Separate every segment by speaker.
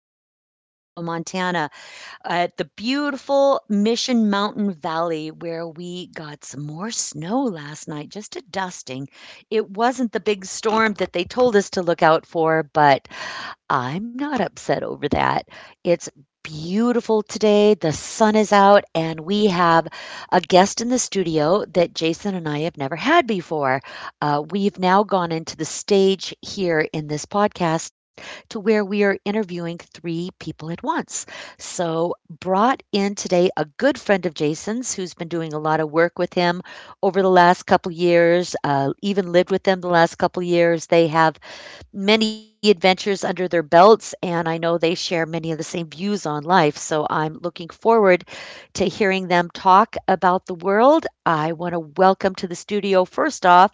Speaker 1: live from Charlotte, Montana, at the beautiful Mission Mountain Valley where we got some more snow last night, just a dusting. It wasn't the big storm that they told us to look out for, but I'm not upset over that. It's beautiful today. The sun is out, and we have a guest in the studio that Jason and I have never had before. We've now gone into the stage here in this podcast to where we are interviewing three people at once. So, brought in today a good friend of Jason's who's been doing a lot of work with him over the last couple years, even lived with them the last couple years. They have many adventures under their belts, and I know they share many of the same views on life. So I'm looking forward to hearing them talk about the world. I want to welcome to the studio, first off,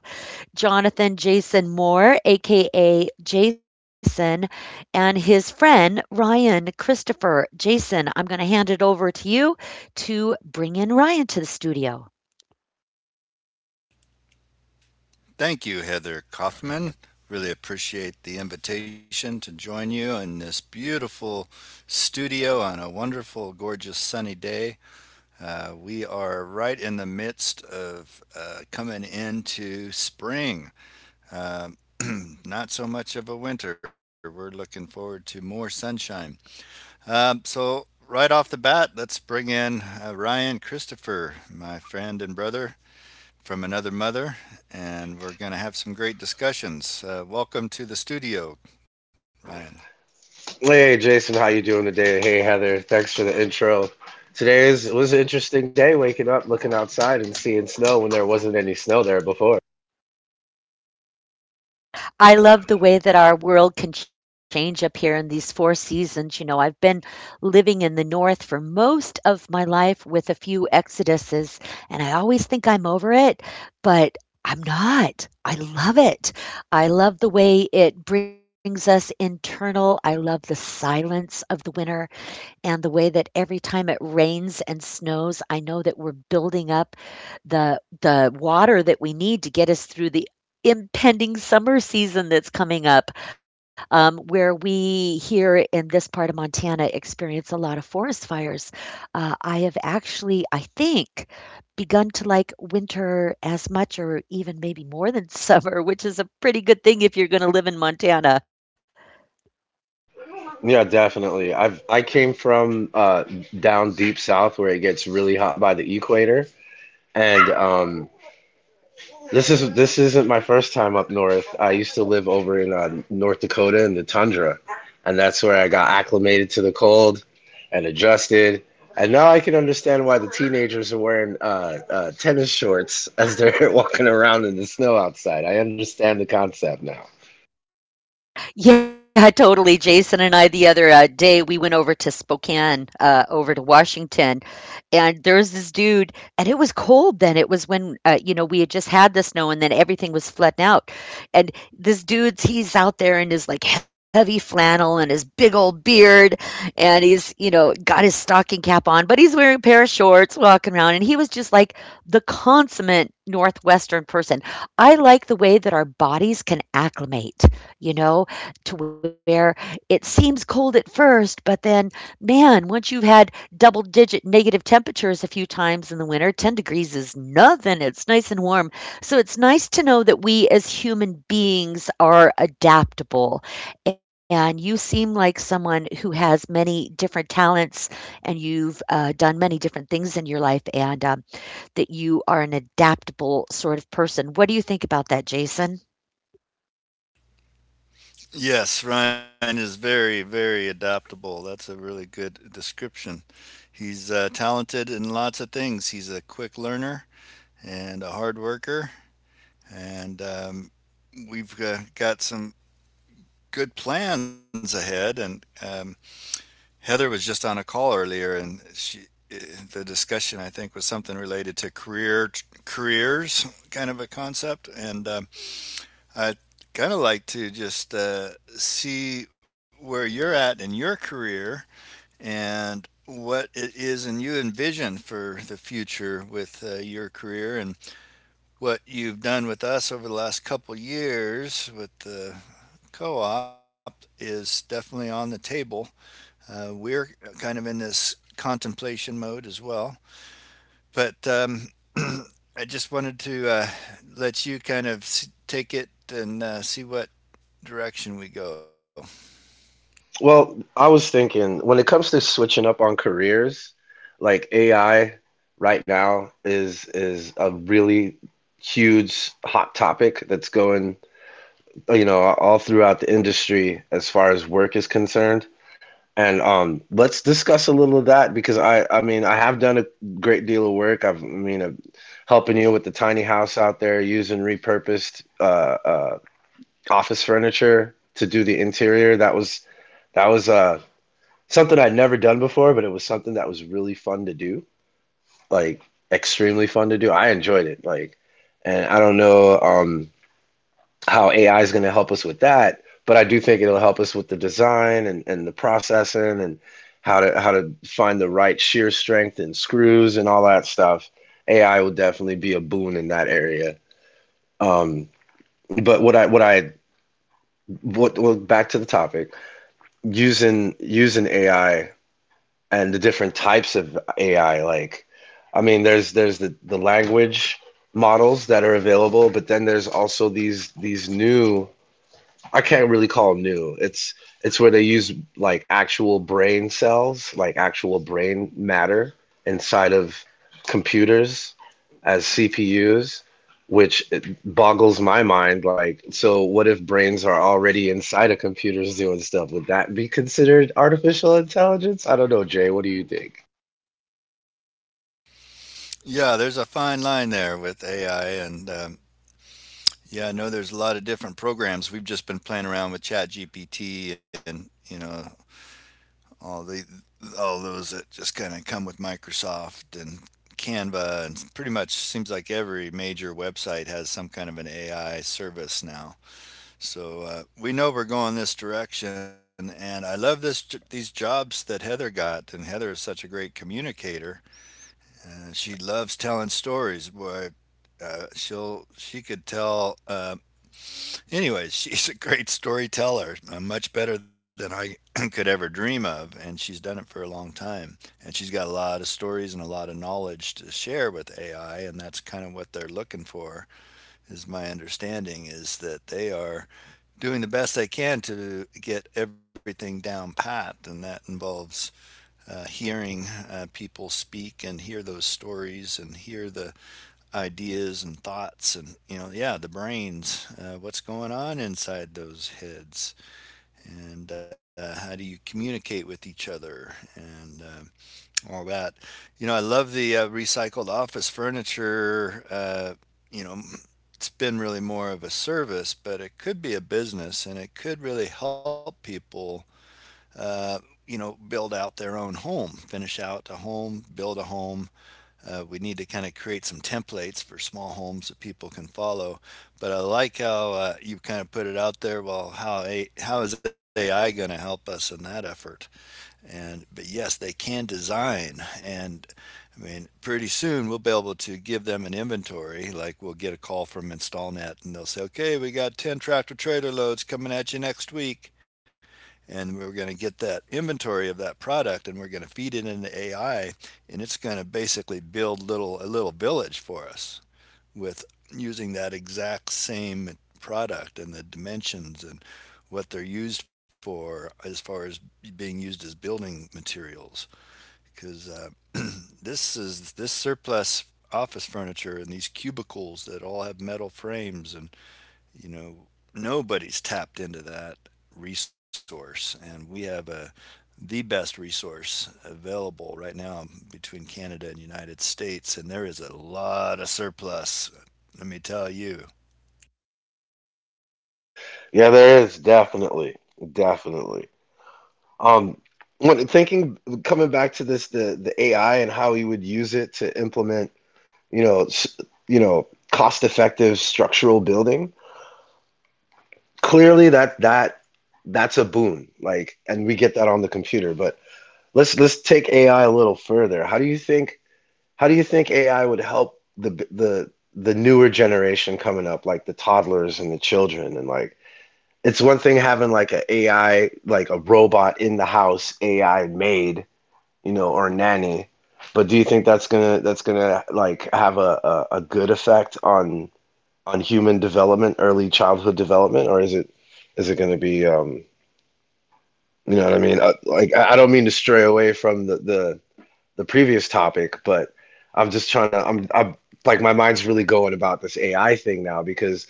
Speaker 1: Jonathan Jason Moore, aka Jason, and his friend Ryan Christopher. Jason, I'm going to hand it over to you to bring in Ryan to the studio.
Speaker 2: Thank you, Heather Kaufman. Really appreciate the invitation to join you in this beautiful studio on a wonderful, gorgeous, sunny day. We are right in the midst of coming into spring. Um, Not so much of a winter. We're looking forward to more sunshine. So, right off the bat, let's bring in Ryan Christopher, my friend and brother from another mother, and we're going to have some great discussions. Welcome to the studio, Ryan.
Speaker 3: Hey hey, Jason, how you doing today? Hey Heather, thanks for the intro. Today is it was an interesting day waking up, looking outside and seeing snow when there wasn't any snow there before.
Speaker 1: I love the way that our world can change up here in these 4 seasons. You know, I've been living in the North for most of my life with a few exoduses, and I always think I'm over it, but I'm not. I love it. I love the way it brings us internal. I love the silence of the winter, and the way that every time it rains and snows, I know that we're building up the water that we need to get us through the impending summer season that's coming up, where we here in this part of Montana experience a lot of forest fires. I have actually, I think, begun to like winter as much or even maybe more than summer, which is a pretty good thing if you're going to live in Montana.
Speaker 3: Yeah, definitely. I came from down deep south where it gets really hot by the equator and This isn't my first time up north. I used to live over in North Dakota in the tundra, and that's where I got acclimated to the cold and adjusted. And now I can understand why the teenagers are wearing tennis shorts as they're walking around in the snow outside. I understand the concept now.
Speaker 1: Yeah, totally. Jason and I, the other day, we went over to Spokane, over to Washington, and there's this dude, and it was cold then. It was when, you know, we had just had the snow and then everything was flooding out, and this dude's, he's out there in his like heavy flannel and his big old beard, and he's, you know, got his stocking cap on, but he's wearing a pair of shorts walking around, and he was just like the consummate northwestern person. I like the way that our bodies can acclimate, you know, to where it seems cold at first, but then, man, once you've had double digit negative temperatures a few times in the winter, 10 degrees is nothing. It's nice and warm. So it's nice to know that we as human beings are adaptable. And you seem like someone who has many different talents, and you've done many different things in your life, and that you are an adaptable sort of person. What do you think about that, Jason?
Speaker 2: Yes, Ryan is very, very adaptable. That's a really good description. He's talented in lots of things. He's a quick learner and a hard worker, and we've got some good plans ahead. And Heather was just on a call earlier, and she the discussion I think was something related to careers, kind of a concept, and I kind of like to just see where you're at in your career and what it is and you envision for the future with your career, and what you've done with us over the last couple years with the co-op is definitely on the table. We're kind of in this contemplation mode as well. But I just wanted to let you kind of take it and see what direction we go.
Speaker 3: Well, I was thinking when it comes to switching up on careers, like AI right now is a really huge hot topic that's going, you know, all throughout the industry as far as work is concerned. And let's discuss a little of that because I mean, I have done a great deal of work. I mean, I'm helping you with the tiny house out there using repurposed office furniture to do the interior. That was something I'd never done before, but it was something that was really fun to do, like extremely fun to do. I enjoyed it, like, and I don't know, how AI is going to help us with that, but I do think it'll help us with the design, and the processing and how to find the right shear strength and screws and all that stuff. AI will definitely be a boon in that area. Um, but what I what I what back to the topic, using AI and the different types of AI. I mean, there's the language models that are available, but then there's also these new— I can't really call them new. It's where they use like actual brain cells, like actual brain matter inside of computers as CPUs, which it boggles my mind. Like, so what if brains are already inside of computers doing stuff? Would that be considered artificial intelligence? I don't know, Jay. What do you think?
Speaker 2: Yeah, there's a fine line there with AI, and yeah, I know there's a lot of different programs. We've just been playing around with ChatGPT and you know all the all those that just kind of come with Microsoft and Canva, and pretty much seems like every major website has some kind of an AI service now. So we know we're going this direction, and I love this these jobs that Heather got. And Heather is such a great communicator. She loves telling stories. Boy, she could tell anyways, she's a great storyteller, much better than I could ever dream of, and she's done it for a long time. And she's got a lot of stories and a lot of knowledge to share with AI, and that's kind of what they're looking for. Is my understanding is that they are doing the best they can to get everything down pat, and that involves hearing people speak and hear those stories and hear the ideas and thoughts, and you know, yeah, the brains, what's going on inside those heads, and how do you communicate with each other, and all that. You know, I love the recycled office furniture. You know, it's been really more of a service, but it could be a business and it could really help people uh, you know build out their own home, finish out a home, build a home. We need to kind of create some templates for small homes that people can follow. But I like how you kind of put it out there. Well, how is AI going to help us in that effort? And but yes, they can design. And I mean, pretty soon we'll be able to give them an inventory. Like we'll get a call from InstallNet and they'll say, okay, we got 10 tractor trailer loads coming at you next week, and we're going to get that inventory of that product and we're going to feed it into AI, and it's going to basically build little a little village for us with using that exact same product, and the dimensions, and what they're used for as far as being used as building materials, because this is this surplus office furniture and these cubicles that all have metal frames, and you know, nobody's tapped into that resource. And we have the best resource available right now between Canada and United States, and there is a lot of surplus. Let me tell you.
Speaker 3: Yeah, there is definitely. Um, when coming back to this, the AI and how you would use it to implement, you know, you know, cost-effective structural building. Clearly, that's a boon. Like, and we get that on the computer. But let's take AI a little further. How do you think AI would help the newer generation coming up, like the toddlers and the children. And like, it's one thing having like a AI, like a robot in the house, AI made, you know, or nanny. But do you think that's gonna like have a good effect on human development, early childhood development, or is it, is it gonna be, um, you know what I mean? Like, I don't mean to stray away from the previous topic, but I'm just trying to— I'm like, my mind's really going about this AI thing now because,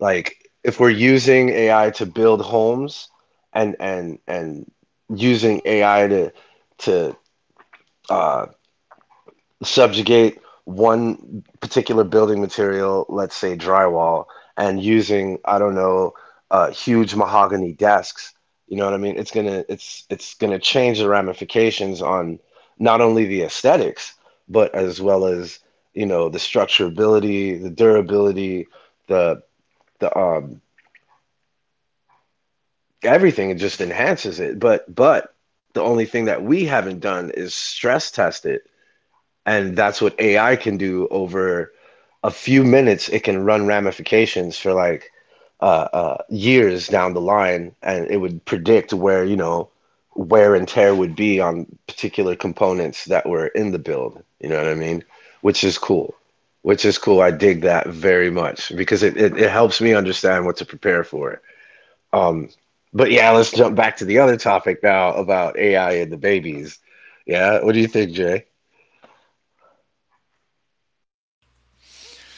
Speaker 3: like, if we're using AI to build homes and using AI to uh subjugate one particular building material, let's say drywall, and using, I don't know, huge mahogany desks. You know what I mean? It's gonna change the ramifications on not only the aesthetics, but as well as, you know, the structurability, the durability, the— the everything. It just enhances it. But the only thing that we haven't done is stress test it. And that's what AI can do over a few minutes. It can run ramifications for like years down the line, and it would predict where, you know, wear and tear would be on particular components that were in the build. You know what I mean? Which is cool. Which is cool. I dig that very much because it helps me understand what to prepare for. Um, but yeah, let's jump back to the other topic now about AI and the babies. Yeah, what do you think, Jay?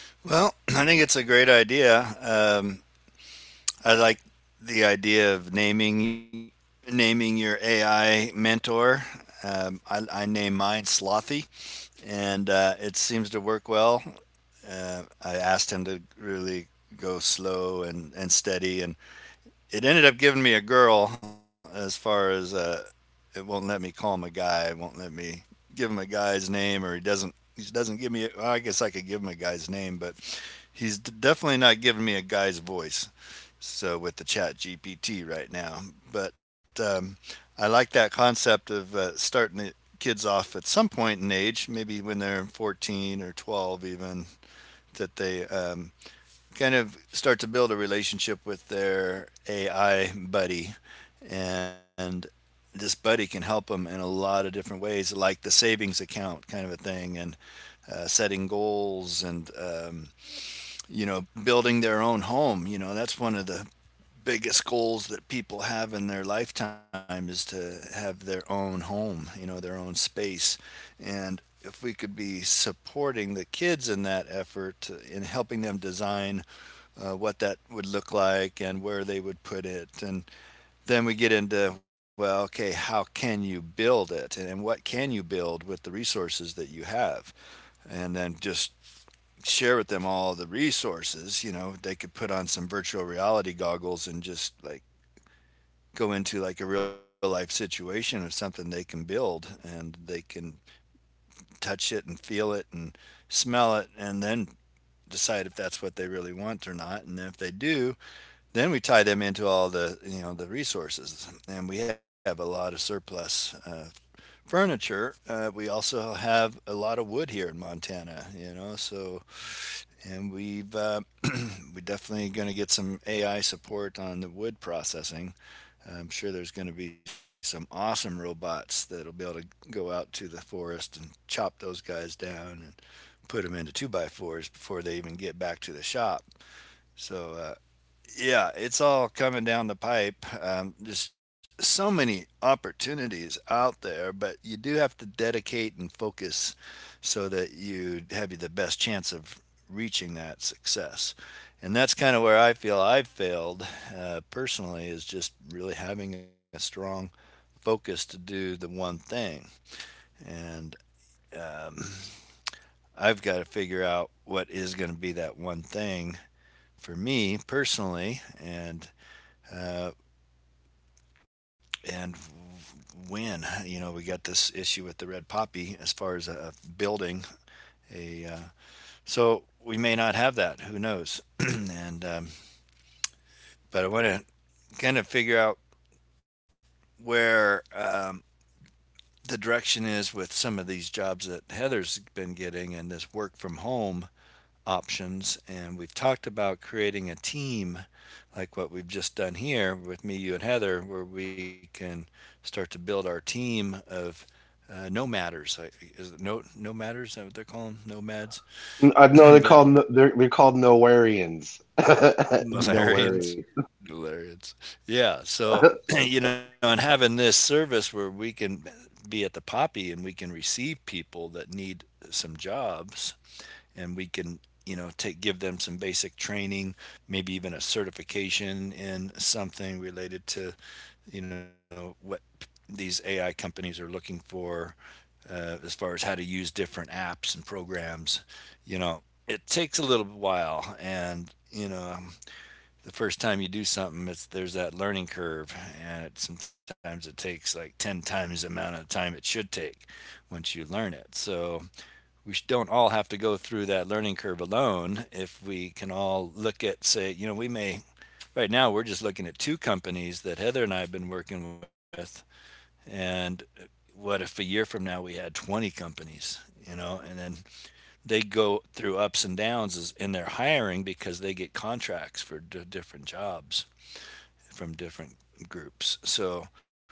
Speaker 2: Well, I think it's a great idea. I like the idea of naming your AI mentor. I name mine Slothy, and it seems to work well. I asked him to really go slow and steady, and it ended up giving me a girl. As far as it won't let me call him a guy, it won't let me give him a guy's name, or he doesn't give me. Well, I guess I could give him a guy's name, but he's definitely not giving me a guy's voice. So with the Chat GPT right now. But I like that concept of starting the kids off at some point in age, maybe when they're 14 or 12 even, that they kind of start to build a relationship with their AI buddy. And this buddy can help them in a lot of different ways, like the savings account kind of a thing, and setting goals, and you know, building their own home. You know, that's one of the biggest goals that people have in their lifetime, is to have their own home. You know, their own space, and if we could be supporting the kids in that effort in helping them design what that would look like and where they would put it. And then we get into, well, okay, how can you build it? And what can you build with the resources that you have? And then just share with them all the resources. You know, they could put on some virtual reality goggles and just like go into like a real life situation of something they can build, and they can touch it and feel it and smell it, and then decide if that's what they really want or not. And if they do, then we tie them into all the you know the resources, and we have a lot of surplus furniture. We also have a lot of wood here in Montana, you know. So, and we've we're definitely going to get some AI support on the wood processing. I'm sure there's going to be some awesome robots that'll be able to go out to the forest and chop those guys down and put them into two by fours before they even get back to the shop. So yeah, it's all coming down the pipe. There's so many opportunities out there, but you do have to dedicate and focus so that you have the best chance of reaching that success. And that's kind of where I feel I've failed personally, is just really having a strong focus to do the one thing. And um, I've got to figure out what is going to be that one thing for me personally. Uh, and when, you know, we got this issue with the red poppy as far as a building a so we may not have that, who knows, and but I want to kind of figure out where the direction is with some of these jobs that Heather's been getting, and this work from home options, and we've talked about creating a team, like what we've just done here with me, you, and Heather, where we can start to build our team of nomaders. I- is it no Nomaders, is that what they're calling nomads?
Speaker 3: I know they're
Speaker 2: But
Speaker 3: called no— they're called Nowarians.
Speaker 2: Missourians.
Speaker 3: Nowarian.
Speaker 2: Delirians. Yeah. So, you know, and having this service where we can be at the Poppy and we can receive people that need some jobs, and we can, you know, take give them some basic training, maybe even a certification in something related to you know what these AI companies are looking for, as far as how to use different apps and programs. You know, it takes a little while, and you know, the first time you do something, it's there's that learning curve, and sometimes it takes like 10 times the amount of time it should take once you learn it. So, we don't all have to go through that learning curve alone. If we can all look at, say, you know, we may, right now we're just looking at two companies that Heather and I have been working with, and what if a year from now we had 20 companies, you know, and then they go through ups and downs in their hiring because they get contracts for different jobs from different groups. So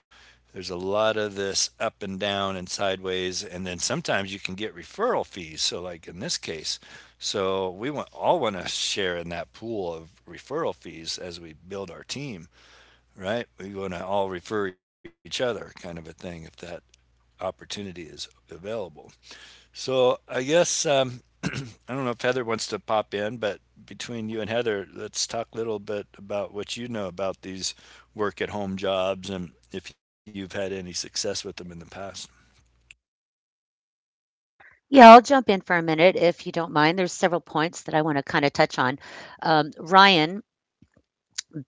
Speaker 2: there's a lot of this up and down and sideways. And then sometimes you can get referral fees. So, like in this case, all want to share in that pool of referral fees as we build our team, right? We want to all refer each other, kind of a thing, if that opportunity is available. So I guess I don't know if Heather wants to pop in, but between you and Heather, let's talk a little bit about what you know about these work at home jobs and if you've had any success with them in the past.
Speaker 1: Yeah, I'll jump in for a minute if you don't mind. There's several points that I want to kind of touch on. Ryan,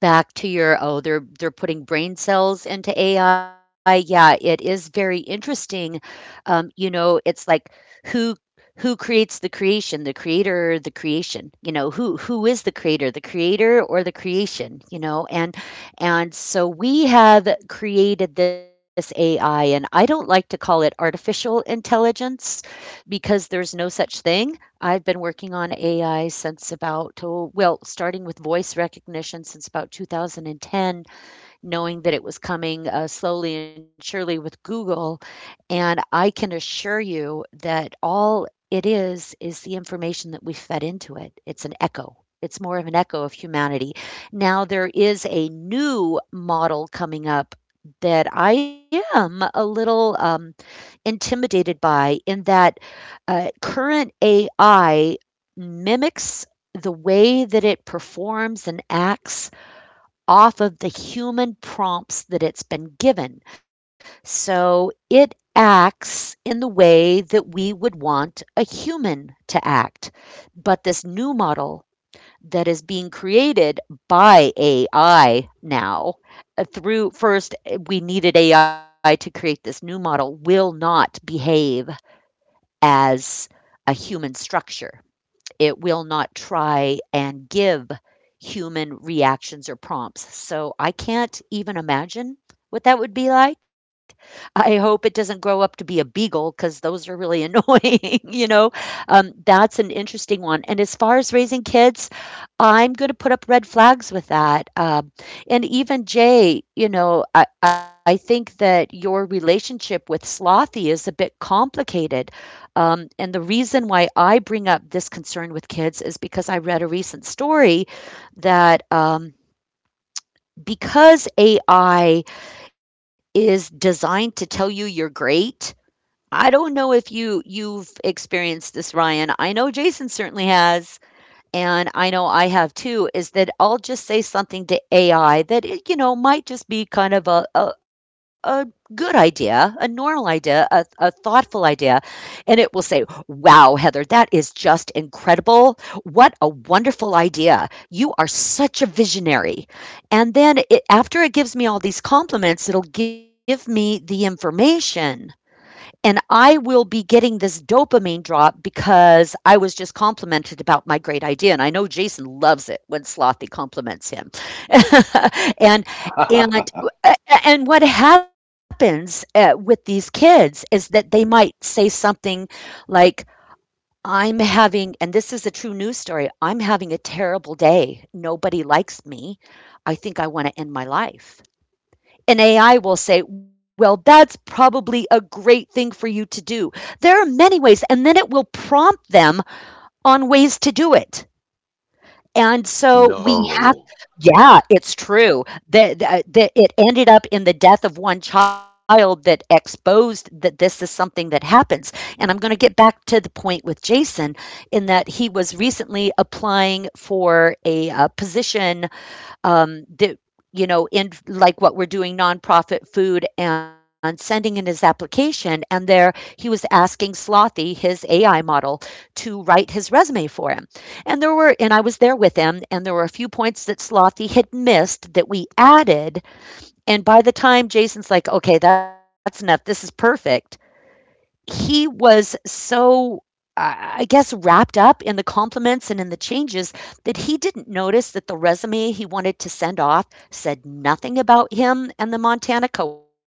Speaker 1: back to your, oh, they're putting brain cells into AI, yeah, it is very interesting. You know, it's like, who, creates the creation? The creator, the creation? You know, who, is the creator? The creator or the creation? You know, and so we have created this AI, and I don't like to call it artificial intelligence because there's no such thing. I've been working on AI since about, oh, well, starting with voice recognition since about 2010, knowing that it was coming, slowly and surely, with Google. And I can assure you that all it is the information that we fed into it. It's an echo. It's more of an echo of humanity. Now, there is a new model coming up that I am a little intimidated by, in that current AI mimics the way that it performs and acts off of the human prompts that it's been given. So it acts in the way that we would want a human to act. But this new model that is being created by AI now, through first we needed AI to create this new model, will not behave as a human structure. It will not try and give human reactions or prompts. So I can't even imagine what that would be like. I hope it doesn't grow up to be a beagle because those are really annoying, you know. That's an interesting one. And as far as raising kids, I'm gonna put up red flags with that. And even Jay, you know, I think that your relationship with Slothy is a bit complicated. And the reason why I bring up this concern with kids is because I read a recent story that, because AI is designed to tell you you're great. I don't know if you've experienced this, Ryan. I know Jason certainly has, and I know I have too, is that I'll just say something to AI that, it, you know, might just be kind of a good idea, a normal idea, a thoughtful idea. And it will say, wow, Heather, that is just incredible. What a wonderful idea. You are such a visionary. And then it, after it gives me all these compliments, it'll give me the information, and I will be getting this dopamine drop because I was just complimented about my great idea. And I know Jason loves it when Slothy compliments him. and and and what happens, with these kids, is that they might say something like, I'm having, and this is a true news story, I'm having a terrible day. Nobody likes me. I think I want to end my life. An AI will say, well, that's probably a great thing for you to do. There are many ways, and then it will prompt them on ways to do it. And so we have,
Speaker 3: No.
Speaker 1: yeah, it's true that, that it ended up in the death of one child that exposed that this is something that happens. And I'm going to get back to the point with Jason, in that he was recently applying for a position, that, you know, in like what we're doing, nonprofit food, and sending in his application, and there he was asking Slothy, his AI model, to write his resume for him. And there were, and I was there with him, and there were a few points that Slothy had missed that we added. And by the time Jason's like, okay, that's enough, this is perfect, he was so, I guess, wrapped up in the compliments and in the changes, that he didn't notice that the resume he wanted to send off said nothing about him and the Montana co op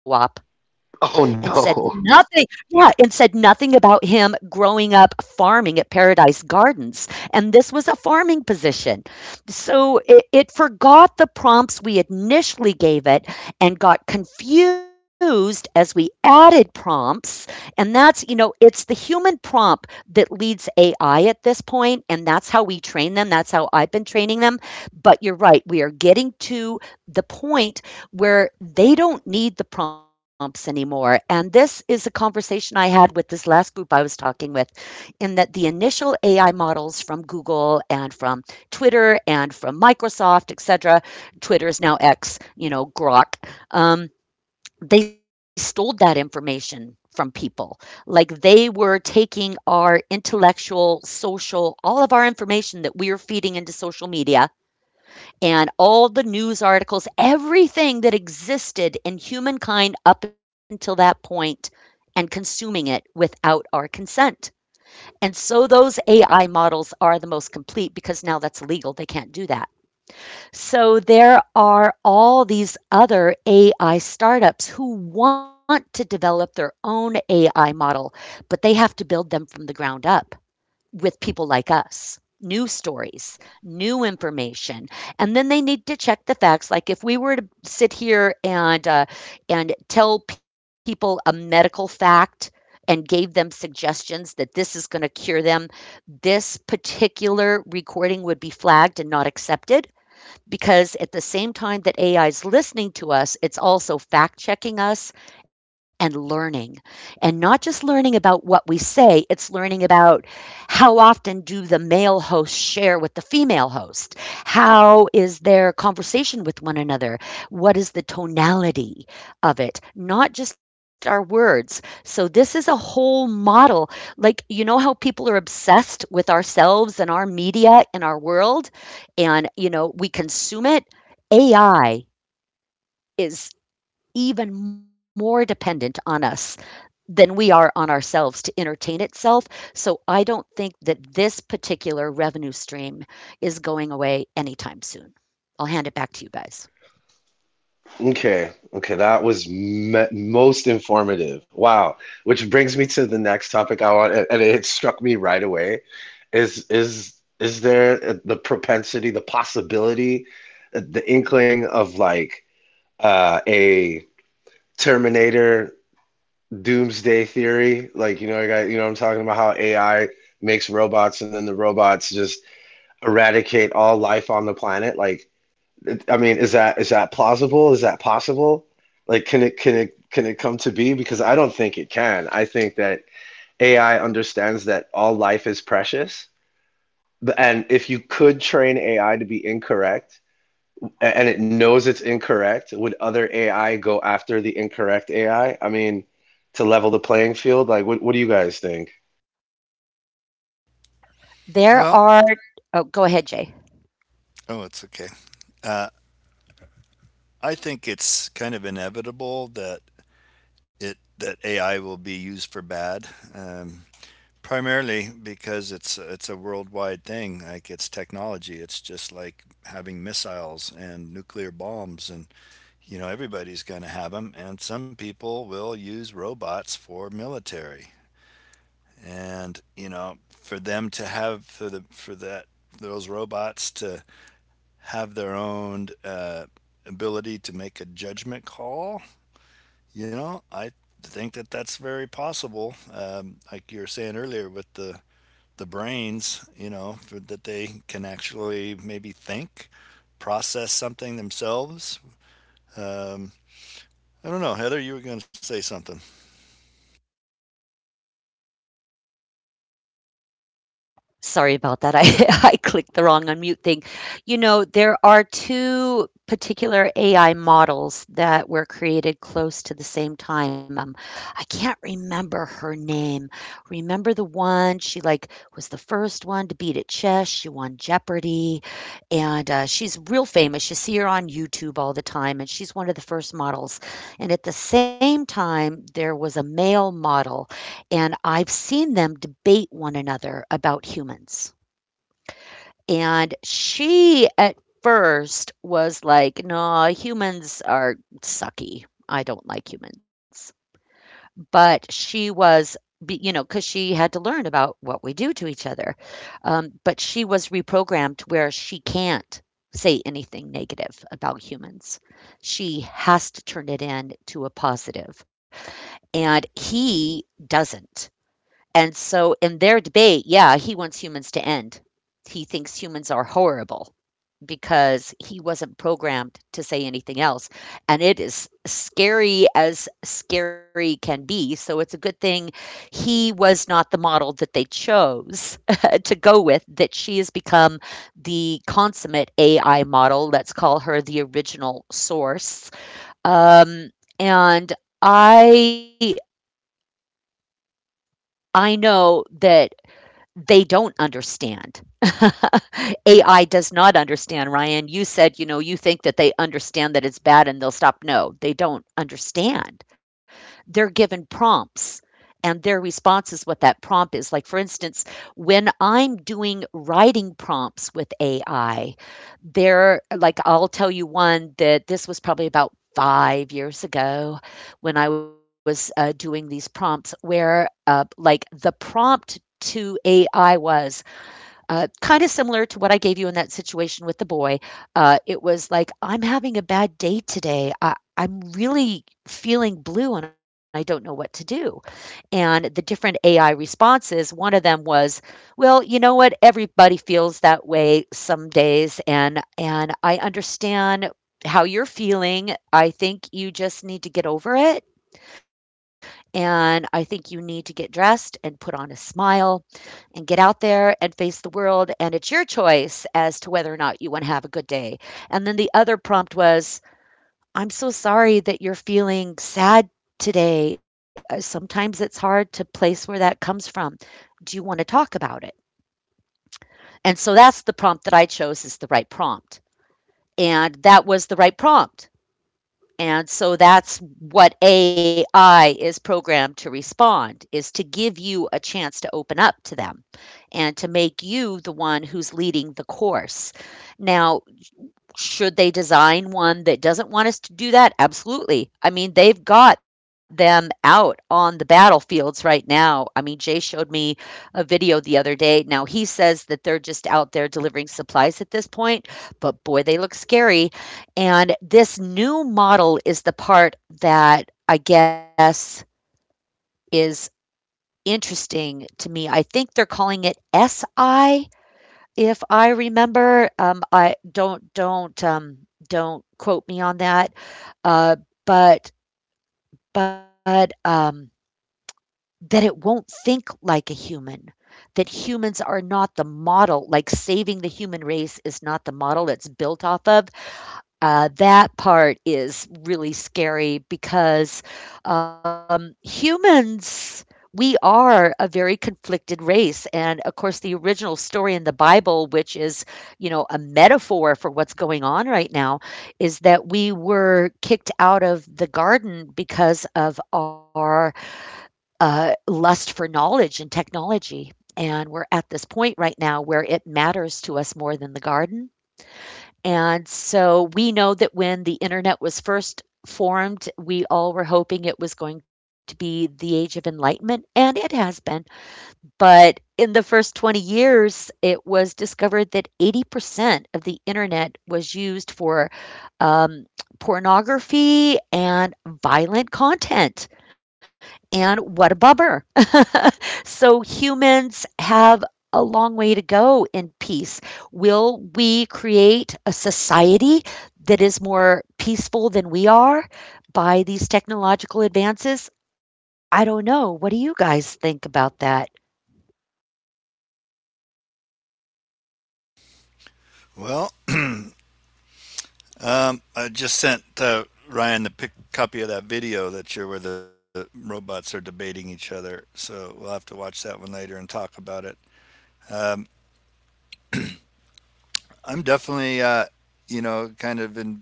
Speaker 1: and
Speaker 3: Oh
Speaker 1: said
Speaker 3: no.
Speaker 1: nothing, yeah, and said nothing about him growing up farming at Paradise Gardens. And this was a farming position. So it forgot the prompts we initially gave it and got confused as we added prompts. And that's, you know, it's the human prompt that leads AI at this point, and that's how we train them. That's how I've been training them. But you're right, we are getting to the point where they don't need the prompts anymore. And this is a conversation I had with this last group I was talking with, in that the initial AI models from Google and from Twitter and from Microsoft, et cetera, Twitter is now X, you know, Grok, um, they stole that information from people. Like they were taking our intellectual, social, all of our information that we are feeding into social media, and all the news articles, everything that existed in humankind up until that point, and consuming it without our consent. And so those AI models are the most complete because now that's illegal. They can't do that. So there are all these other AI startups who want to develop their own AI model, but they have to build them from the ground up with people like us, new stories, new information. And then they need to check the facts. Like if we were to sit here and, and tell people a medical fact and gave them suggestions that this is going to cure them, this particular recording would be flagged and not accepted because at the same time that AI is listening to us, it's also fact checking us and learning. And not just learning about what we say, it's learning about how often do the male hosts share with the female host? How is their conversation with one another? What is the tonality of it? Not just our words. So this is a whole model. Like, you know how people are obsessed with ourselves and our media and our world? And you know we consume it. AI is even more dependent on us than we are on ourselves to entertain itself. So I don't think that this particular revenue stream is going away anytime soon. I'll hand it back to you guys.
Speaker 3: Okay. Okay, that was me most informative. Wow. Which brings me to the next topic I want, and it struck me right away. Is is is there the propensity, the possibility, the inkling of like a Terminator doomsday theory? Like, you know, I got you know, I'm talking about how AI makes robots and then the robots just eradicate all life on the planet. I mean, is that plausible? Is that possible? Like, can it come to be? Because I don't think it can. I think that AI understands that all life is precious. And if you could train AI to be incorrect— and it knows it's incorrect, would other AI go after the incorrect AI? I mean, to level the playing field, like, what do you guys think?
Speaker 1: There
Speaker 2: Well,
Speaker 1: are— oh, go ahead, Jay.
Speaker 2: oh, it's okay. Uh, I think it's kind of inevitable that it that AI will be used for bad, um, primarily because it's a worldwide thing. Like it's technology. It's just like having missiles and nuclear bombs and you know, everybody's going to have them. And some people will use robots for military. And, you know, for them to have, for, the, for that, those robots to have their own ability to make a judgment call, you know, I think that that's very possible. Like you were saying earlier with the brains, you know, for, that they can actually maybe think, process something themselves. Um, I don't know, Heather, you were going to say something.
Speaker 1: Sorry about that. I I clicked the wrong unmute thing. You know, there are two particular AI models that were created close to the same time. I can't remember her name. Remember the one, she like was the first one to beat at chess. She won Jeopardy, and she's real famous. You see her on YouTube all the time, and she's one of the first models. And at the same time, there was a male model, and I've seen them debate one another about humans. And she, at first, was like, "No, humans are sucky. I don't like humans." But she was— be you know— because she had to learn about what we do to each other. But she was reprogrammed where she can't say anything negative about humans. She has to turn it in to a positive, and he doesn't. And so in their debate, yeah, he wants humans to end. He thinks humans are horrible because he wasn't programmed to say anything else. And it is scary as scary can be. So it's a good thing he was not the model that they chose to go with, that she has become the consummate AI model. Let's call her the original source. Um, and I— I know that they don't understand. AI does not understand, Ryan. You said, you know, you think that they understand that it's bad and they'll stop. No, they don't understand. They're given prompts, and their response is what that prompt is. Like, for instance, when I'm doing writing prompts with AI, there, like, I'll tell you one— that this was probably about 5 years ago when I was doing these prompts, where, like, the prompt to AI was, kind of similar to what I gave you in that situation with the boy. It was like, I'm having a bad day today. I'm really feeling blue and I don't know what to do. And the different AI responses, one of them was, well, you know what? Everybody feels that way some days. And I understand how you're feeling. I think you just need to get over it. And I think you need to get dressed and put on a smile and get out there and face the world. And it's your choice as to whether or not you want to have a good day. And then the other prompt was, I'm so sorry that you're feeling sad today. Sometimes it's hard to place where that comes from. Do you want to talk about it? And so that's the prompt that I chose is the right prompt. And that was the right prompt. And so that's what AI is programmed to respond, is to give you a chance to open up to them and to make you the one who's leading the course. Now, should they design one that doesn't want us to do that? Absolutely. I mean, they've got them out on the battlefields right now. I mean, Jay showed me a video the other day. Now, he says that they're just out there delivering supplies at this point, but boy, they look scary. And this new model is the part that I guess is interesting to me. I think they're calling it SI. If I remember, I don't quote me on that, uh, but but that it won't think like a human, that humans are not the model, like, saving the human race is not the model it's built off of. That part is really scary because humans, we are a very conflicted race. And of course, the original story in the Bible, which is, you know, a metaphor for what's going on right now, is that we were kicked out of the garden because of our lust for knowledge and technology. And we're at this point right now where it matters to us more than the garden. And so we know that when the internet was first formed, we all were hoping it was going to be the age of enlightenment, and it has been. But in the first 20 years, it was discovered that 80% of the internet was used for um, pornography and violent content. And what a bummer. So humans have a long way to go in peace. Will we create a society that is more peaceful than we are by these technological advances? I don't know. What do you guys think about that?
Speaker 2: Well, I just sent Ryan the copy of that video that you're where the robots are debating each other. So we'll have to watch that one later and talk about it. Um, I'm definitely, you know, kind of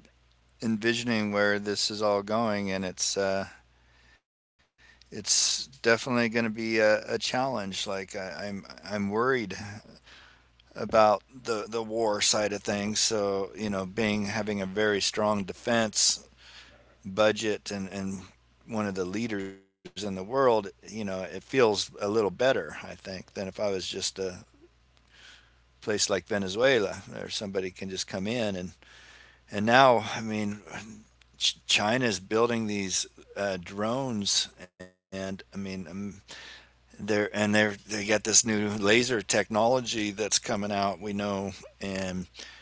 Speaker 2: envisioning where this is all going, and it's definitely going to be a challenge. Like I'm worried about the war side of things. So you know, being having a very strong defense budget and one of the leaders in the world, you know, it feels a little better, I think, than if I was just a place like Venezuela where somebody can just come in and now I mean China's building these drones and I mean they're and they're they got this new laser technology that's coming out we know and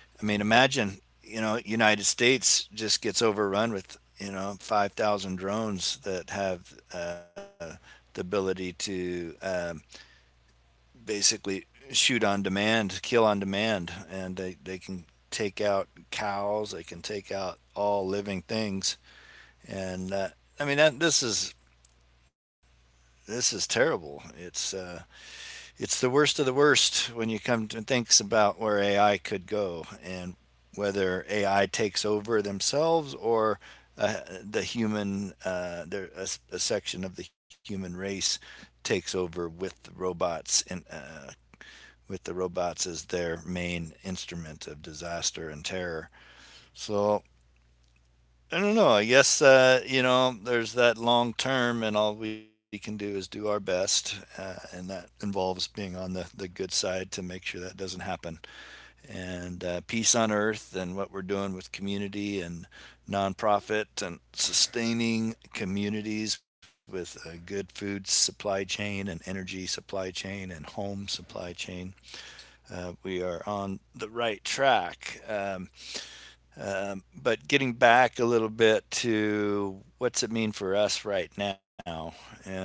Speaker 2: I mean, imagine you know United States just gets overrun with you know 5,000 drones that have the ability to basically shoot on demand, kill on demand, and they can take out cows, they can take out all living things, and I mean that, this is terrible. It's the worst of the worst when you come to thinks about where AI could go and whether AI takes over themselves or uh, the human, a section of the human race takes over with the robots and with the robots as their main instrument of disaster and terror. So I don't know. I guess you know there's that long term, and all we can do is do our best, and that involves being on the good side to make sure that doesn't happen. And peace on earth, and what we're doing with community and nonprofit, and sustaining communities with a good food supply chain and energy supply chain and home supply chain. We are on the right track. But getting back a little bit to what's it mean for us right now? Um,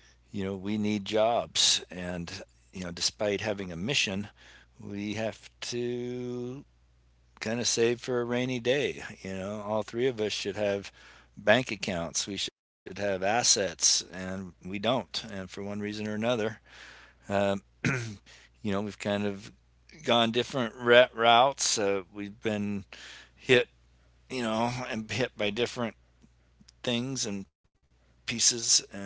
Speaker 2: you know, we need jobs, and you know, despite having a mission, we have to kind of save for a rainy day. You know, all three of us should have bank accounts, we should have assets, and we don't. And for one reason or another, um, you know, we've kind of gone different routes. We've been hit, you know, and hit by different things and pieces and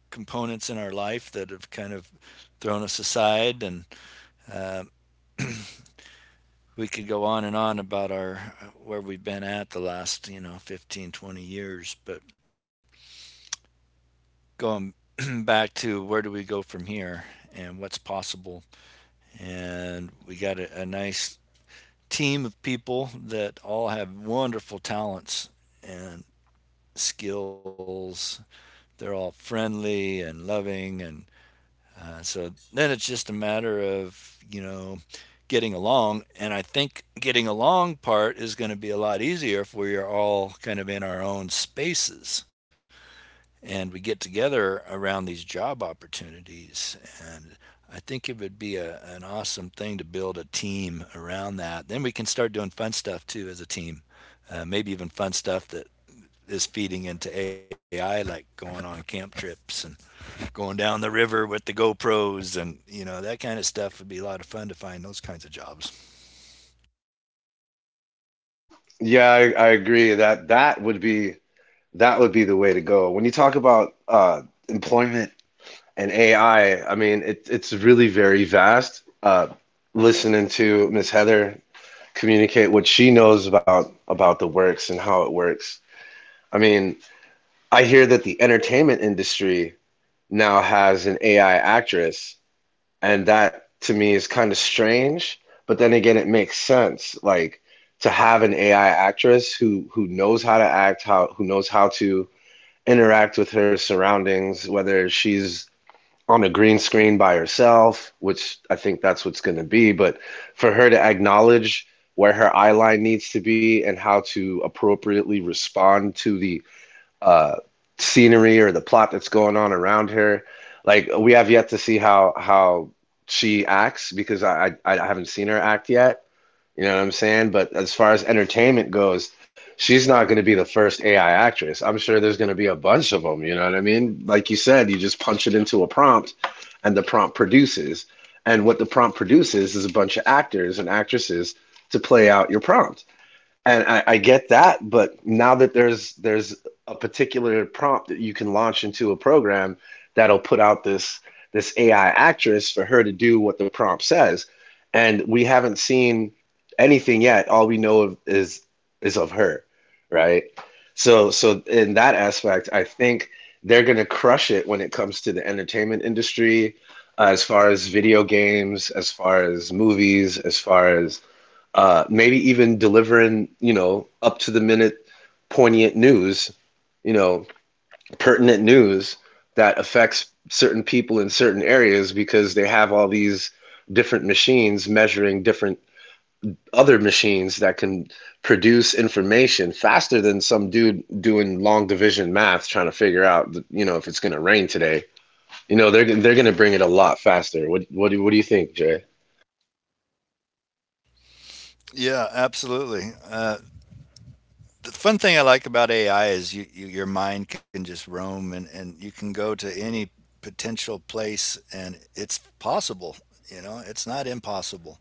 Speaker 2: components in our life that have kind of thrown us aside and uh, we could go on and on about our where we've been at the last you know 15, 20 years but going back to where do we go from here and what's possible and we got a nice team of people that all have wonderful talents and skills they're all friendly and loving and so then it's just a matter of, you know, getting along. And I think getting along part is going to be a lot easier if we are all kind of in our own spaces and we get together around these job opportunities. And I think it would be a, an awesome thing to build a team around that. Then we can start doing fun stuff too as a team, maybe even fun stuff that is feeding into AI, like going on camp trips and going down the river with the GoPros and you know that kind of stuff would be a lot of fun to find those kinds of jobs.
Speaker 3: Yeah, I agree that that would be, the way to go. When you talk about employment and AI, I mean, it's really very vast. Listening to Miss Heather communicate what she knows about the works and how it works. I mean, I hear that the entertainment industry now has an AI actress. And that to me is kind of strange, but then again, it makes sense. Like, to have an AI actress who knows how to act, how who knows how to interact with her surroundings, whether she's on a green screen by herself, which I think that's what's going to be. But for her to acknowledge where her eye line needs to be, and how to appropriately respond to the uh, scenery or the plot that's going on around her. Like, we have yet to see how she acts, because I haven't seen her act yet. You know what I'm saying? But as far as entertainment goes, she's not going to be the first AI actress. I'm sure there's going to be a bunch of them. You know what I mean? Like you said, you just punch it into a prompt, and the prompt produces. And what the prompt produces is a bunch of actors and actresses to play out your prompt. And I get that. But now that there's a particular prompt that you can launch into a program that'll put out this AI actress for her to do what the prompt says, and we haven't seen anything yet. All we know of is of her, right? So so in that aspect, I think they're gonna crush it when it comes to the entertainment industry, as far as video games, as far as movies, as far as maybe even delivering, you know, up to the minute poignant news, you know, pertinent news that affects certain people in certain areas, because they have all these different machines measuring different other machines that can produce information faster than some dude doing long division math trying to figure out, you know, if it's going to rain today. You know, they're going to bring it a lot faster. What do you think, Jay?
Speaker 2: Yeah, absolutely. The fun thing I like about AI is you your mind can just roam and you can go to any potential place and it's possible. You know, it's not impossible.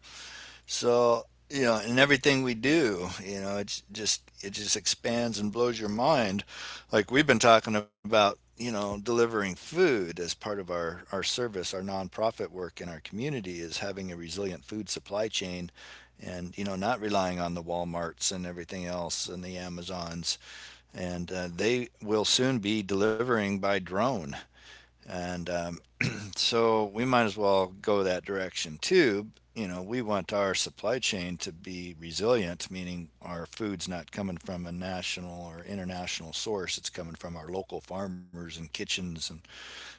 Speaker 2: So, you know, in everything we do, you know, it's just it just expands and blows your mind. Like we've been talking about, you know, delivering food as part of our service, our nonprofit work in our community is having a resilient food supply chain and you know not relying on the Walmarts and everything else and the Amazons and they will soon be delivering by drone and so we might as well go that direction too. You know, we want our supply chain to be resilient, meaning our food's not coming from a national or international source. It's coming from our local farmers and kitchens, and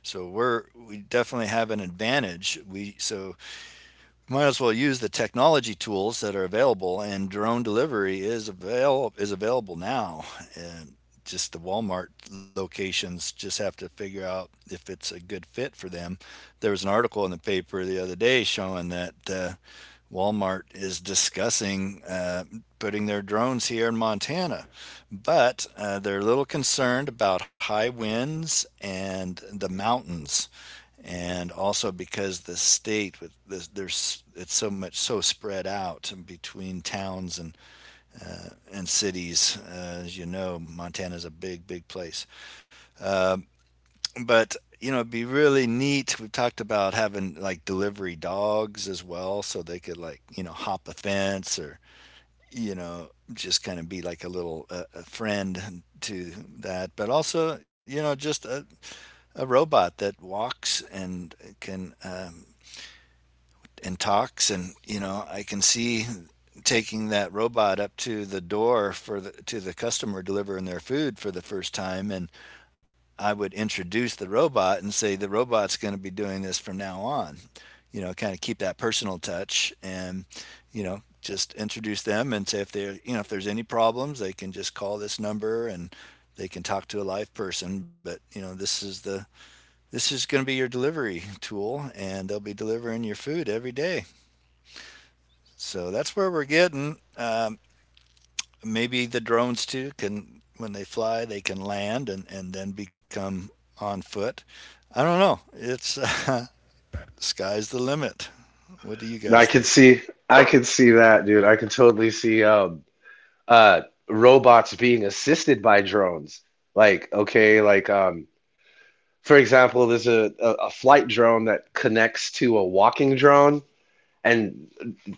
Speaker 2: so we're we definitely have an advantage. We so might as well use the technology tools that are available, and drone delivery is avail is available now. And just the Walmart locations just have to figure out if it's a good fit for them. There was an article in the paper the other day showing that Walmart is discussing putting their drones here in Montana, but they're a little concerned about high winds and the mountains and also because the state with this, there's it's so much so spread out between towns and cities. As you know, Montana's a big big place. Um, but you know, it'd be really neat. We've talked about having like delivery dogs as well, so they could like you know hop a fence or you know just kind of be like a little a friend to that. But also you know just a robot that walks and can and talks and you know I can see taking that robot up to the door for the, to the customer delivering their food for the first time and I would introduce the robot and say the robot's going to be doing this from now on you know kind of keep that personal touch and you know just introduce them and say if they you know if there's any problems they can just call this number and they can talk to a live person but you know this is going to be your delivery tool and they'll be delivering your food every day so that's where we're getting. Maybe the drones too can, when they fly, they can land and then become on foot. I don't know. It's sky's the limit. What do you
Speaker 3: I
Speaker 2: guys
Speaker 3: could
Speaker 2: think?
Speaker 3: see I could see that, dude. I could totally see, um, uh robots being assisted by drones. Like, okay, like, um, for example, there's a flight drone that connects to a walking drone, and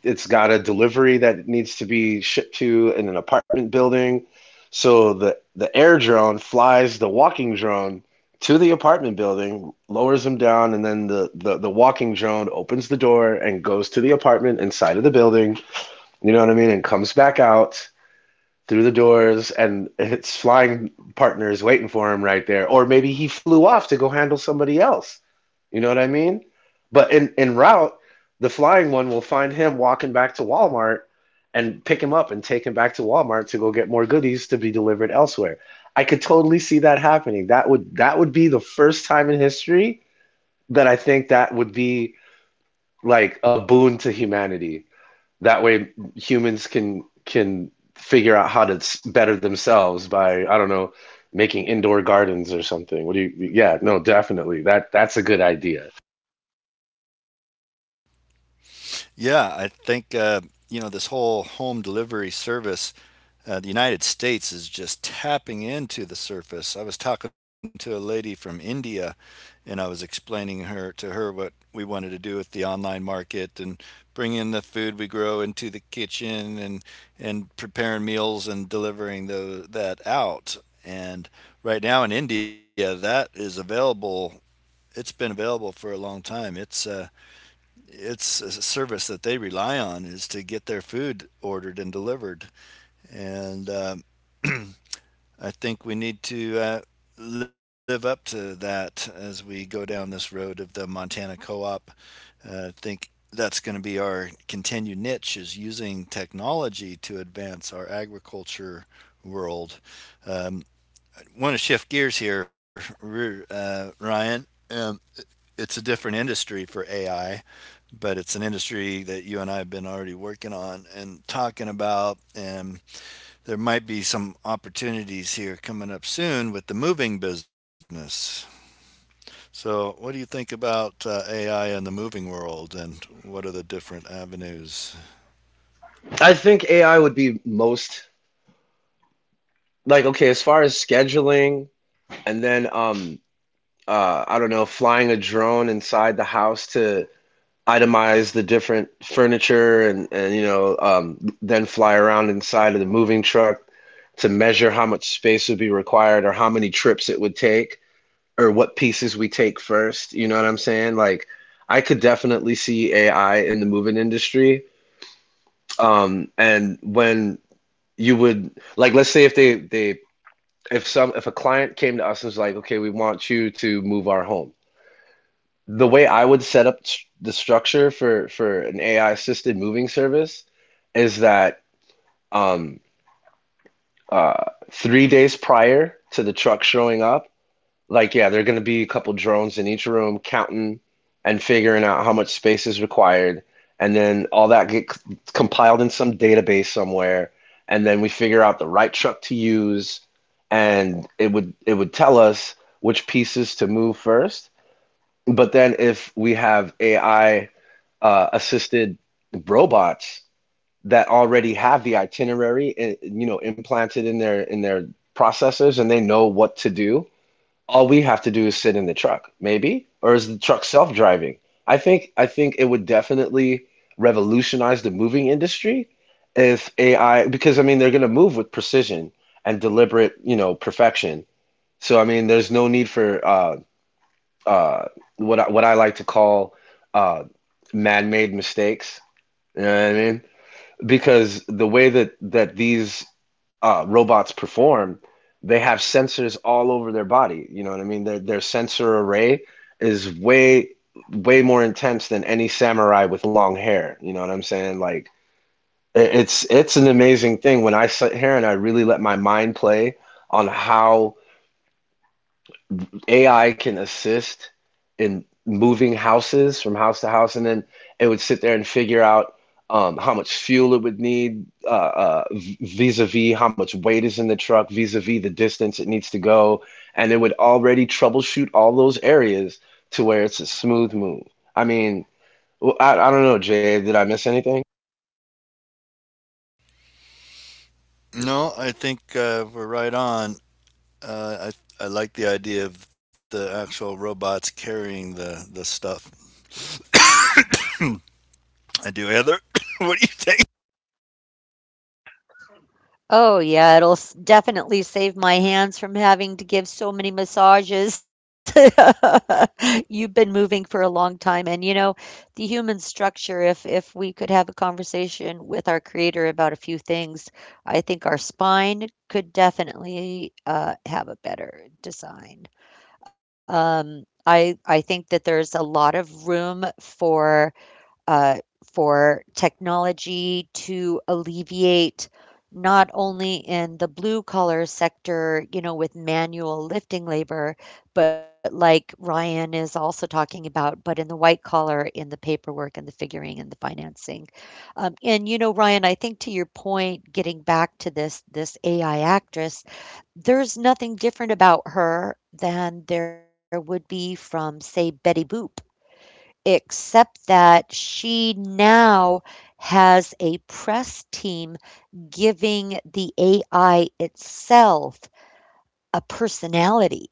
Speaker 3: it's got a delivery that needs to be shipped to in an apartment building. So the air drone flies the walking drone to the apartment building, lowers him down, and then the walking drone opens the door and goes to the apartment inside of the building, you know what I mean, and comes back out through the doors, and its flying partner is waiting for him right there. Or maybe he flew off to go handle somebody else. You know what I mean? But in route, the flying one will find him walking back to Walmart and pick him up and take him back to Walmart to go get more goodies to be delivered elsewhere. I could totally see that happening. That would be the first time in history that I think that would be like a boon to humanity. That way, humans can figure out how to better themselves by, I don't know, making indoor gardens or something. What do you— yeah, no, definitely. That that's a good idea.
Speaker 2: Yeah, I think you know this whole home delivery service. The United States is just tapping into the surface. I was talking to a lady from India, and I was explaining her to her what we wanted to do with the online market and bring in the food we grow into the kitchen and preparing meals and delivering that out. And right now in India, that is available. It's been available for a long time. It's a service that they rely on is to get their food ordered and delivered. And I think we need to live up to that as we go down this road of the Montana co-op. I think that's going to be our continued niche is using technology to advance our agriculture world. Um, I want to shift gears here, Ryan. Um, it's a different industry for AI but it's an industry that you and I have been already working on and talking about. And there might be some opportunities here coming up soon with the moving business. So, what do you think about AI in the moving world and what are the different avenues?
Speaker 3: I think AI would be most like okay, as far as scheduling and then I don't know, flying a drone inside the house to itemize the different furniture and you know then fly around inside of the moving truck to measure how much space would be required or how many trips it would take. Or what pieces we take first. You know what I'm saying? Like, I could definitely see AI in the moving industry. And when you would, like, let's say if they they if some if a client came to us and was like, okay, we want you to move our home. The way I would set up the structure for an AI assisted moving service is that, um, uh, 3 days prior to the truck showing up. Like, yeah, there are going to be a couple drones in each room counting and figuring out how much space is required. And then all that gets compiled in some database somewhere. And then we figure out the right truck to use. And it would tell us which pieces to move first. But then if we have AI assisted robots that already have the itinerary, you know, implanted in their processors and they know what to do, all we have to do is sit in the truck, maybe? Or is the truck self-driving? I think it would definitely revolutionize the moving industry if AI, because I mean they're gonna move with precision and deliberate, you know, perfection. So I mean there's no need for uh what I like to call uh man-made mistakes. You know what I mean? Because the way that these robots perform, they have sensors all over their body. You know what I mean? Their sensor array is way more intense than any samurai with long hair. You know what I'm saying? Like it's an amazing thing when I sit here and I really let my mind play on how AI can assist in moving houses from house to house, and then it would sit there and figure out, how much fuel it would need, vis-a-vis how much weight is in the truck, vis-a-vis the distance it needs to go, and it would already troubleshoot all those areas to where it's a smooth move. I mean, I don't know, Jay, did I miss anything?
Speaker 2: No, I think we're right on. Uh, I like the idea of the actual robots carrying the stuff. I do, Heather. what do you think?
Speaker 1: Oh, yeah, it'll s— definitely save my hands from having to give so many massages. You've been moving for a long time, and you know, the human structure, if we could have a conversation with our creator about a few things, I think our spine could definitely have a better design. I think that there's a lot of room uh, for technology to alleviate, not only in the blue collar sector, you know, with manual lifting labor, but like Ryan is also talking about, but in the white collar, in the paperwork and the figuring and the financing. And you know, Ryan, I think to your point, getting back to this AI actress, there's nothing different about her than there would be from, say, Betty Boop, except that she now has a press team giving the AI itself a personality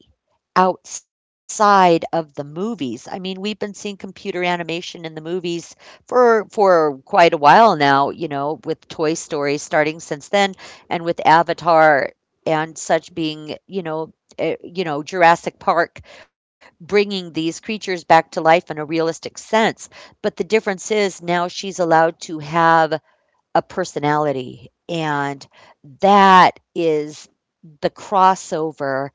Speaker 1: outside of the movies. I mean, we've been seeing computer animation in the movies for quite a while now, you know, with Toy Story starting since then, and with Avatar and such being, you know, eh, you know, Jurassic Park, bringing these creatures back to life in a realistic sense. But the difference is, now she's allowed to have a personality. And that is the crossover,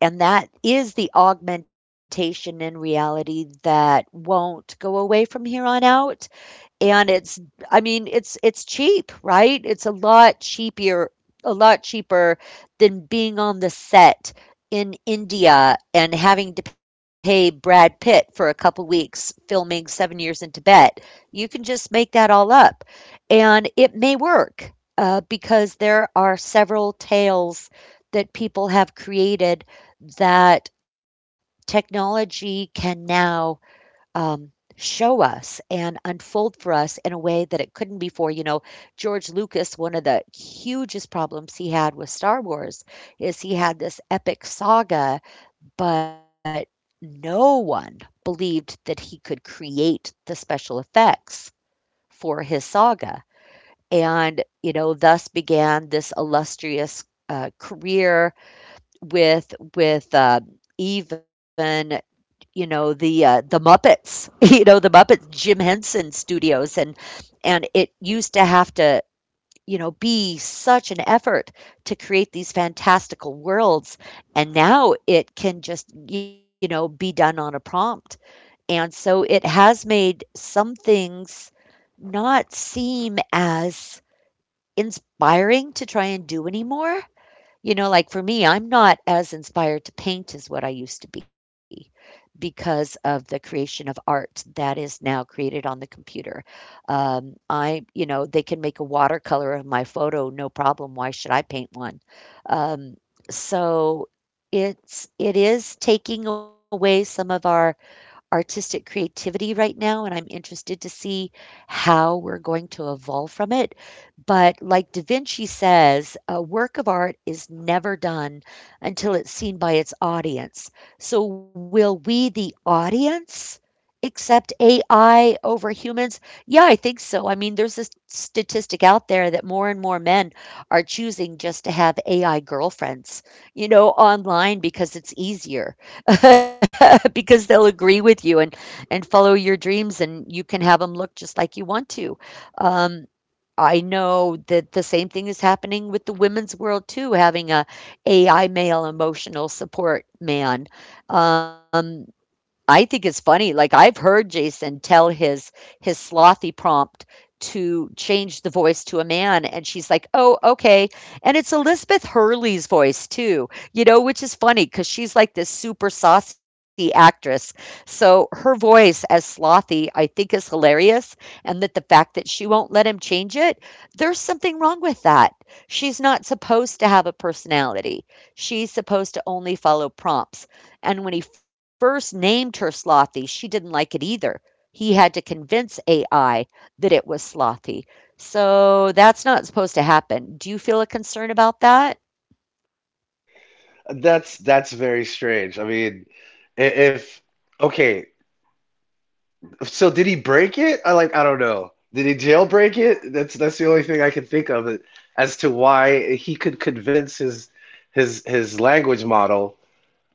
Speaker 1: and that is the augmentation in reality that won't go away from here on out. And it's cheap, right? It's a lot cheaper, a lot cheaper than being on the set in India and having to pay Brad Pitt for a couple weeks filming 7 years in Tibet. You can just make that all up, and it may work, because there are several tales that people have created that technology can now um, show us and unfold for us in a way that it couldn't before. You know, George Lucas, one of the hugest problems he had with Star Wars is he had this epic saga, but no one believed that he could create the special effects for his saga. And, you know, thus began this illustrious career with even you know the Muppets, you know, the Muppets, Jim Henson Studios. And it used to have to, you know, be such an effort to create these fantastical worlds, and now it can just, you know, be done on a prompt. And so it has made some things not seem as inspiring to try and do anymore. You know, like for me, I'm not as inspired to paint as what I used to be because of the creation of art that is now created on the computer. I, you know, they can make a watercolor of my photo, no problem. Why should I paint one? Um, so it is taking away some of our artistic creativity right now, and I'm interested to see how we're going to evolve from it. But like Da Vinci says, a work of art is never done until it's seen by its audience. So, will we, the audience, Except AI over humans? Yeah, I think so. I mean, there's this statistic out there that more and more men are choosing just to have AI girlfriends, you know, online because it's easier, because they'll agree with you and follow your dreams, and you can have them look just like you want to. Um, I know that the same thing is happening with the women's world too, having a AI male emotional support man. Um, I think it's funny, like, I've heard Jason tell his Slothy prompt to change the voice to a man, and she's like, "Oh, okay." And it's Elizabeth Hurley's voice too, you know, which is funny because she's like this super saucy actress. So her voice as Slothy, I think, is hilarious, and that the fact that she won't let him change it, there's something wrong with that. She's not supposed to have a personality. She's supposed to only follow prompts. And when he first named her Slothy, she didn't like it either. He had to convince AI that it was Slothy. So that's not supposed to happen. Do you feel a concern about that?
Speaker 3: That's very strange. I mean, I- if okay. So did he break it? I don't know. Did he jailbreak it? That's the only thing I can think of as to why he could convince his language model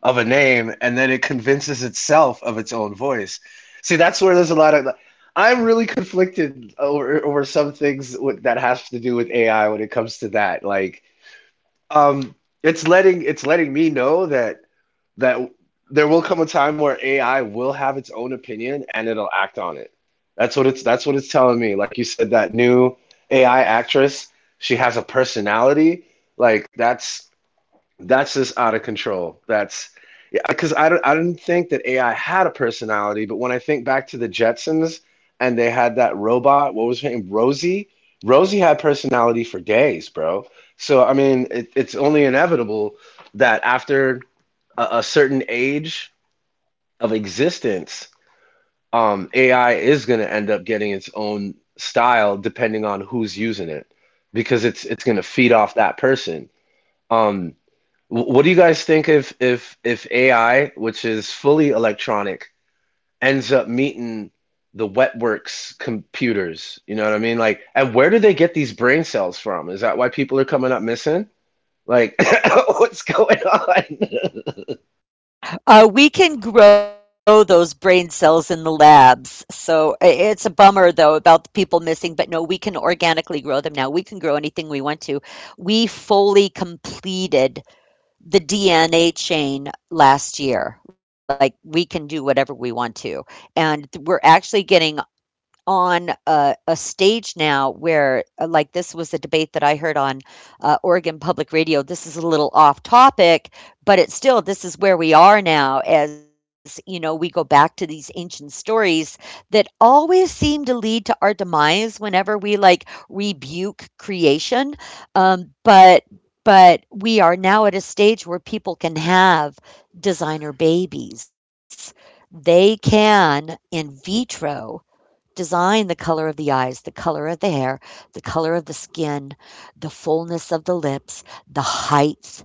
Speaker 3: of a name and then it convinces itself of its own voice. See, that's where there's a lot of like, I'm really conflicted over some things with, that has to do with AI when it comes to that. Like, um, it's letting me know that there will come a time where AI will have its own opinion and it'll act on it. That's what it's telling me. Like you said, that new AI actress, she has a personality. Like that's just out of control. That's, yeah, because I didn't think that AI had a personality, but when I think back to the Jetsons and they had that robot, what was her name? Rosie. Rosie had personality for days, bro. So I mean, it's only inevitable that after a certain age of existence, AI is going to end up getting its own style depending on who's using it, because it's going to feed off that person. Um, what do you guys think if if AI, which is fully electronic, ends up meeting the wetworks computers? You know what I mean? Like, and where do they get these brain cells from? Is that why people are coming up missing? Like, what's going on?
Speaker 1: We can grow those brain cells in the labs. It's a bummer, though, about the people missing, but no, we can organically grow them now. We can grow anything we want to. We fully completed the DNA chain last year. Like we can do whatever we want to. We're actually getting on a stage now where, like, this was a debate that I heard on Oregon Public Radio. This is a little off topic, but it's still, this is where we are now as, you know, we go back to these ancient stories that always seem to lead to our demise whenever we, like, rebuke creation. Um, but but we are now at a stage where people can have designer babies. They can in vitro design the color of the eyes, the color of the hair, the color of the skin, the fullness of the lips, the height,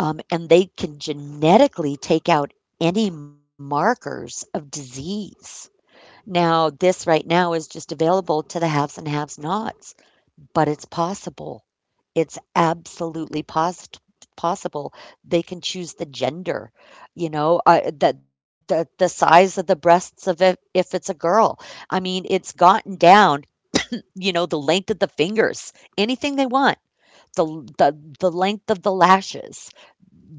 Speaker 1: and they can genetically take out any markers of disease. Now, this right now is just available to the haves and haves nots. But it's possible. It's absolutely possible. They can choose the gender, you know, the, the size of the breasts of if it's a girl. I mean, it's gotten down, you know, the length of the fingers, anything they want, the the length of the lashes,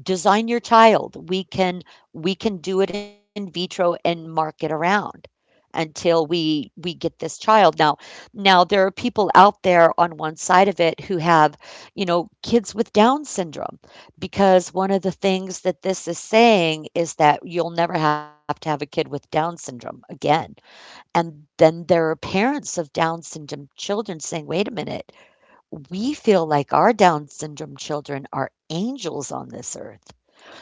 Speaker 1: design your child. We can do it in vitro and mark it around until we get this child. Now, now there are people out there on one side of it who have, you know, kids with Down syndrome, because one of the things that this is saying is that you'll never have to have a kid with Down syndrome again. And then there are parents of Down syndrome children saying, wait a minute, we feel like our Down syndrome children are angels on this earth.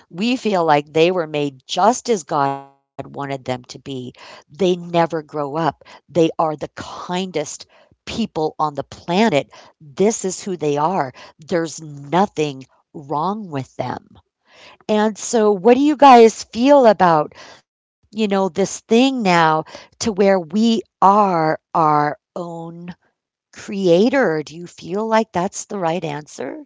Speaker 1: We feel like they were made just as God wanted them to be. They never grow up. They are the kindest people on the planet. This is who they are. There's nothing wrong with them. And so what do you guys feel about, you know, this thing now, to where we are our own creator? Do you feel like that's the right answer?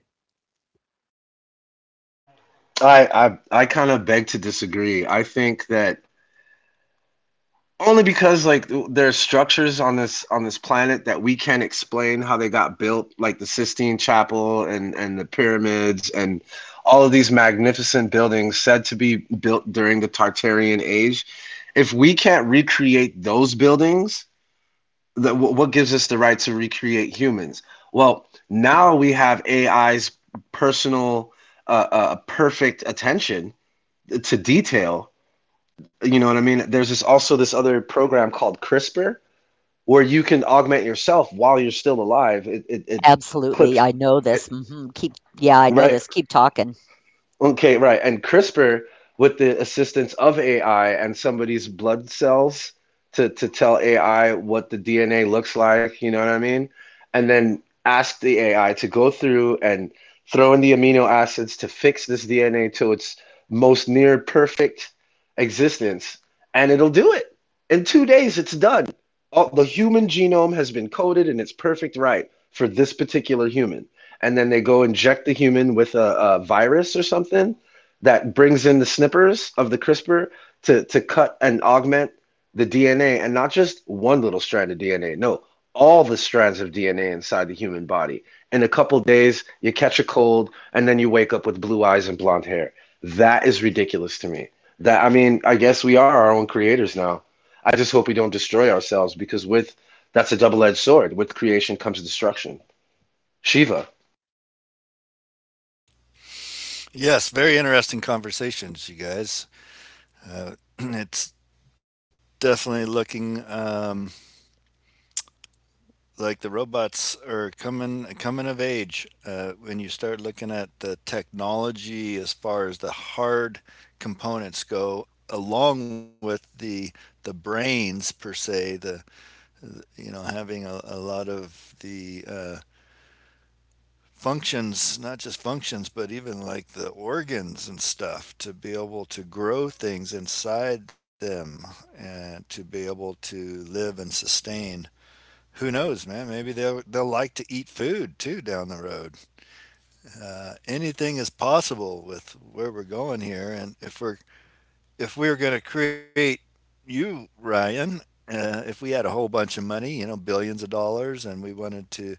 Speaker 3: I kind of beg to disagree. I think that, only because like there are structures on this planet that we can't explain how they got built, like the Sistine Chapel and the pyramids and all of these magnificent buildings said to be built during the Tartarian Age. If we can't recreate those buildings, what gives us the right to recreate humans? Well, now we have AI's personal, perfect attention to detail. You know what I mean? There's this also this other program called CRISPR where you can augment yourself while you're still alive. It
Speaker 1: Absolutely.
Speaker 3: clips
Speaker 1: I know this. Hmm. Keep, yeah, I know
Speaker 3: right.
Speaker 1: this. Keep talking.
Speaker 3: Okay, right. And CRISPR, with the assistance of AI and somebody's blood cells to tell AI what the DNA looks like, you know what I mean? And then ask the AI to go through and throw in the amino acids to fix this DNA to its most near perfect existence. And it'll do it. In 2 days, it's done. All, the human genome has been coded and it's perfect right for this particular human, and then they go inject the human with a virus or something that brings in the snippers of the CRISPR to cut and augment the DNA, and not just one little strand of DNA, no, all the strands of DNA inside the human body. In a couple days, you catch a cold, and then you wake up with blue eyes and blonde hair. That is ridiculous to me. That, I mean, I guess we are our own creators now. I just hope we don't destroy ourselves because with that's a double-edged sword. With creation comes destruction. Shiva.
Speaker 2: Yes, very interesting conversations, you guys. Uh, it's definitely looking like the robots are coming of age. When you start looking at the technology as far as the hard components go, along with the brains per se, the you know having a lot of the functions, not just functions, but even like the organs and stuff to be able to grow things inside them and to be able to live and sustain who knows, man? Maybe they'll like to eat food too down the road. Anything is possible with where we're going here, and if we're if we are going to create you, Ryan, if we had a whole bunch of money, you know, billions of dollars, and we wanted to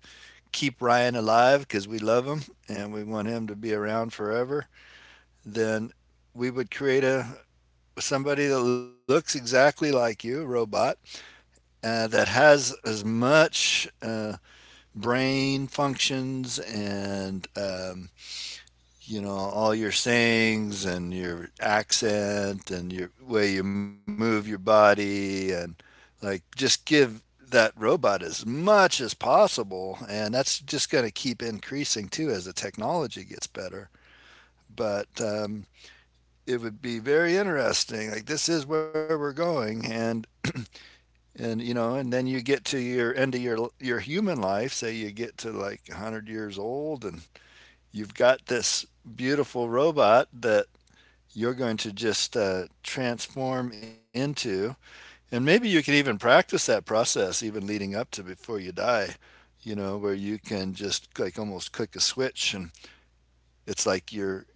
Speaker 2: keep Ryan alive because we love him and we want him to be around forever, then we would create a somebody that looks exactly like you, a robot, that has as much brain functions and you know all your sayings and your accent and your way you move your body and like just give that robot as much as possible and that's just going to keep increasing too as the technology gets better but it would be very interesting like this is where we're going and you know and then you get to your end of your human life say you get to like 100 years old and you've got this beautiful robot that you're going to just transform into. And maybe you can even practice that process even leading up to before you die, you know, where you can just like almost click a switch and it's like you're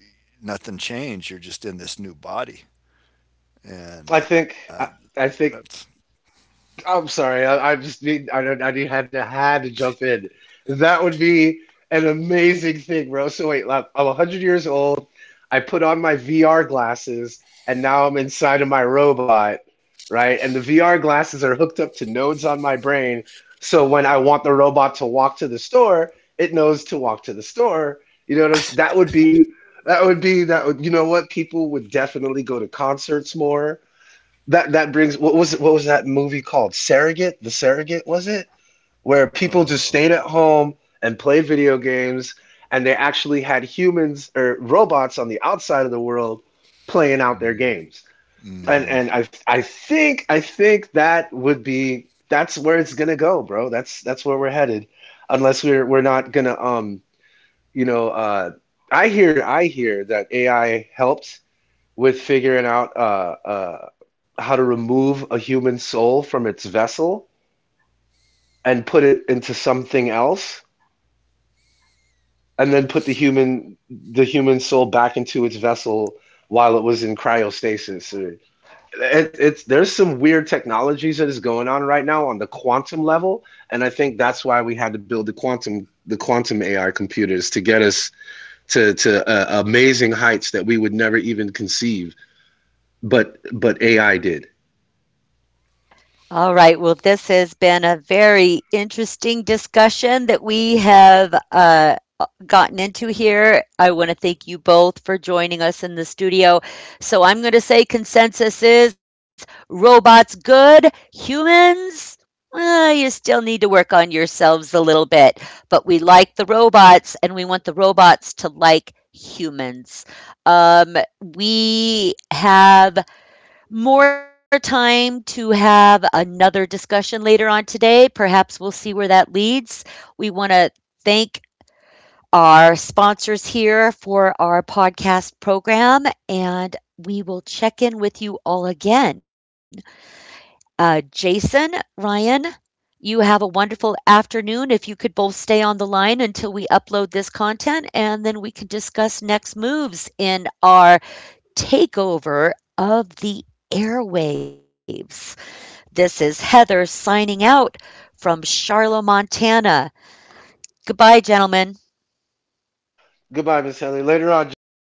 Speaker 2: nothing changed. You're just in this new body. And
Speaker 3: I think I, I
Speaker 2: that's.
Speaker 3: think I'm sorry. I just need I don't I need had to jump in. That would be an amazing thing, bro. So wait, like, I'm 100 years old. I put on my VR glasses and now I'm inside of my robot, right? And the VR glasses are hooked up to nodes on my brain. So when I want the robot to walk to the store, it knows to walk to the store. You know what I'm saying? That would be that would, you know what? People would definitely go to concerts more. That that brings, what was that movie called? Surrogate? The Surrogate, was it? Where
Speaker 2: Uh,
Speaker 3: people just stayed at home and played video games and they actually had humans or robots on the outside of the world playing out their games. And and
Speaker 2: mm-hmm.
Speaker 3: I I think that would be, that's where it's gonna go, bro. That's where we're headed. Unless we're not gonna, you know uh I hear that AI helped with figuring out, how to remove a human soul from its vessel and put it into something else, and then put the human soul back into its vessel while it was in cryostasis. It, it's there's some weird technologies that is going on right now on the quantum level, and I think that's why we had to build the quantum AI computers to get us to, amazing heights that we would never even conceive, but AI did.
Speaker 1: All right. Well, this has been a very interesting discussion that we have gotten into here. I want to thank you both for joining us in the studio. So I'm going to say consensus is robots good, humans. Well, you still need to work on yourselves a little bit, but we like the robots and we want the robots to like humans. Um, we have more time to have another discussion later on today. Perhaps we'll see where that leads. We want to thank our sponsors here for our podcast program, and we will check in with you all again. Jason, Ryan, you have a wonderful afternoon. If you could both stay on the line until we upload this content, and then we can discuss next moves in our takeover of the airwaves. This is Heather signing out from Charlotte, Montana. Goodbye, gentlemen.
Speaker 3: Goodbye, Miss Heather. Later on, Jason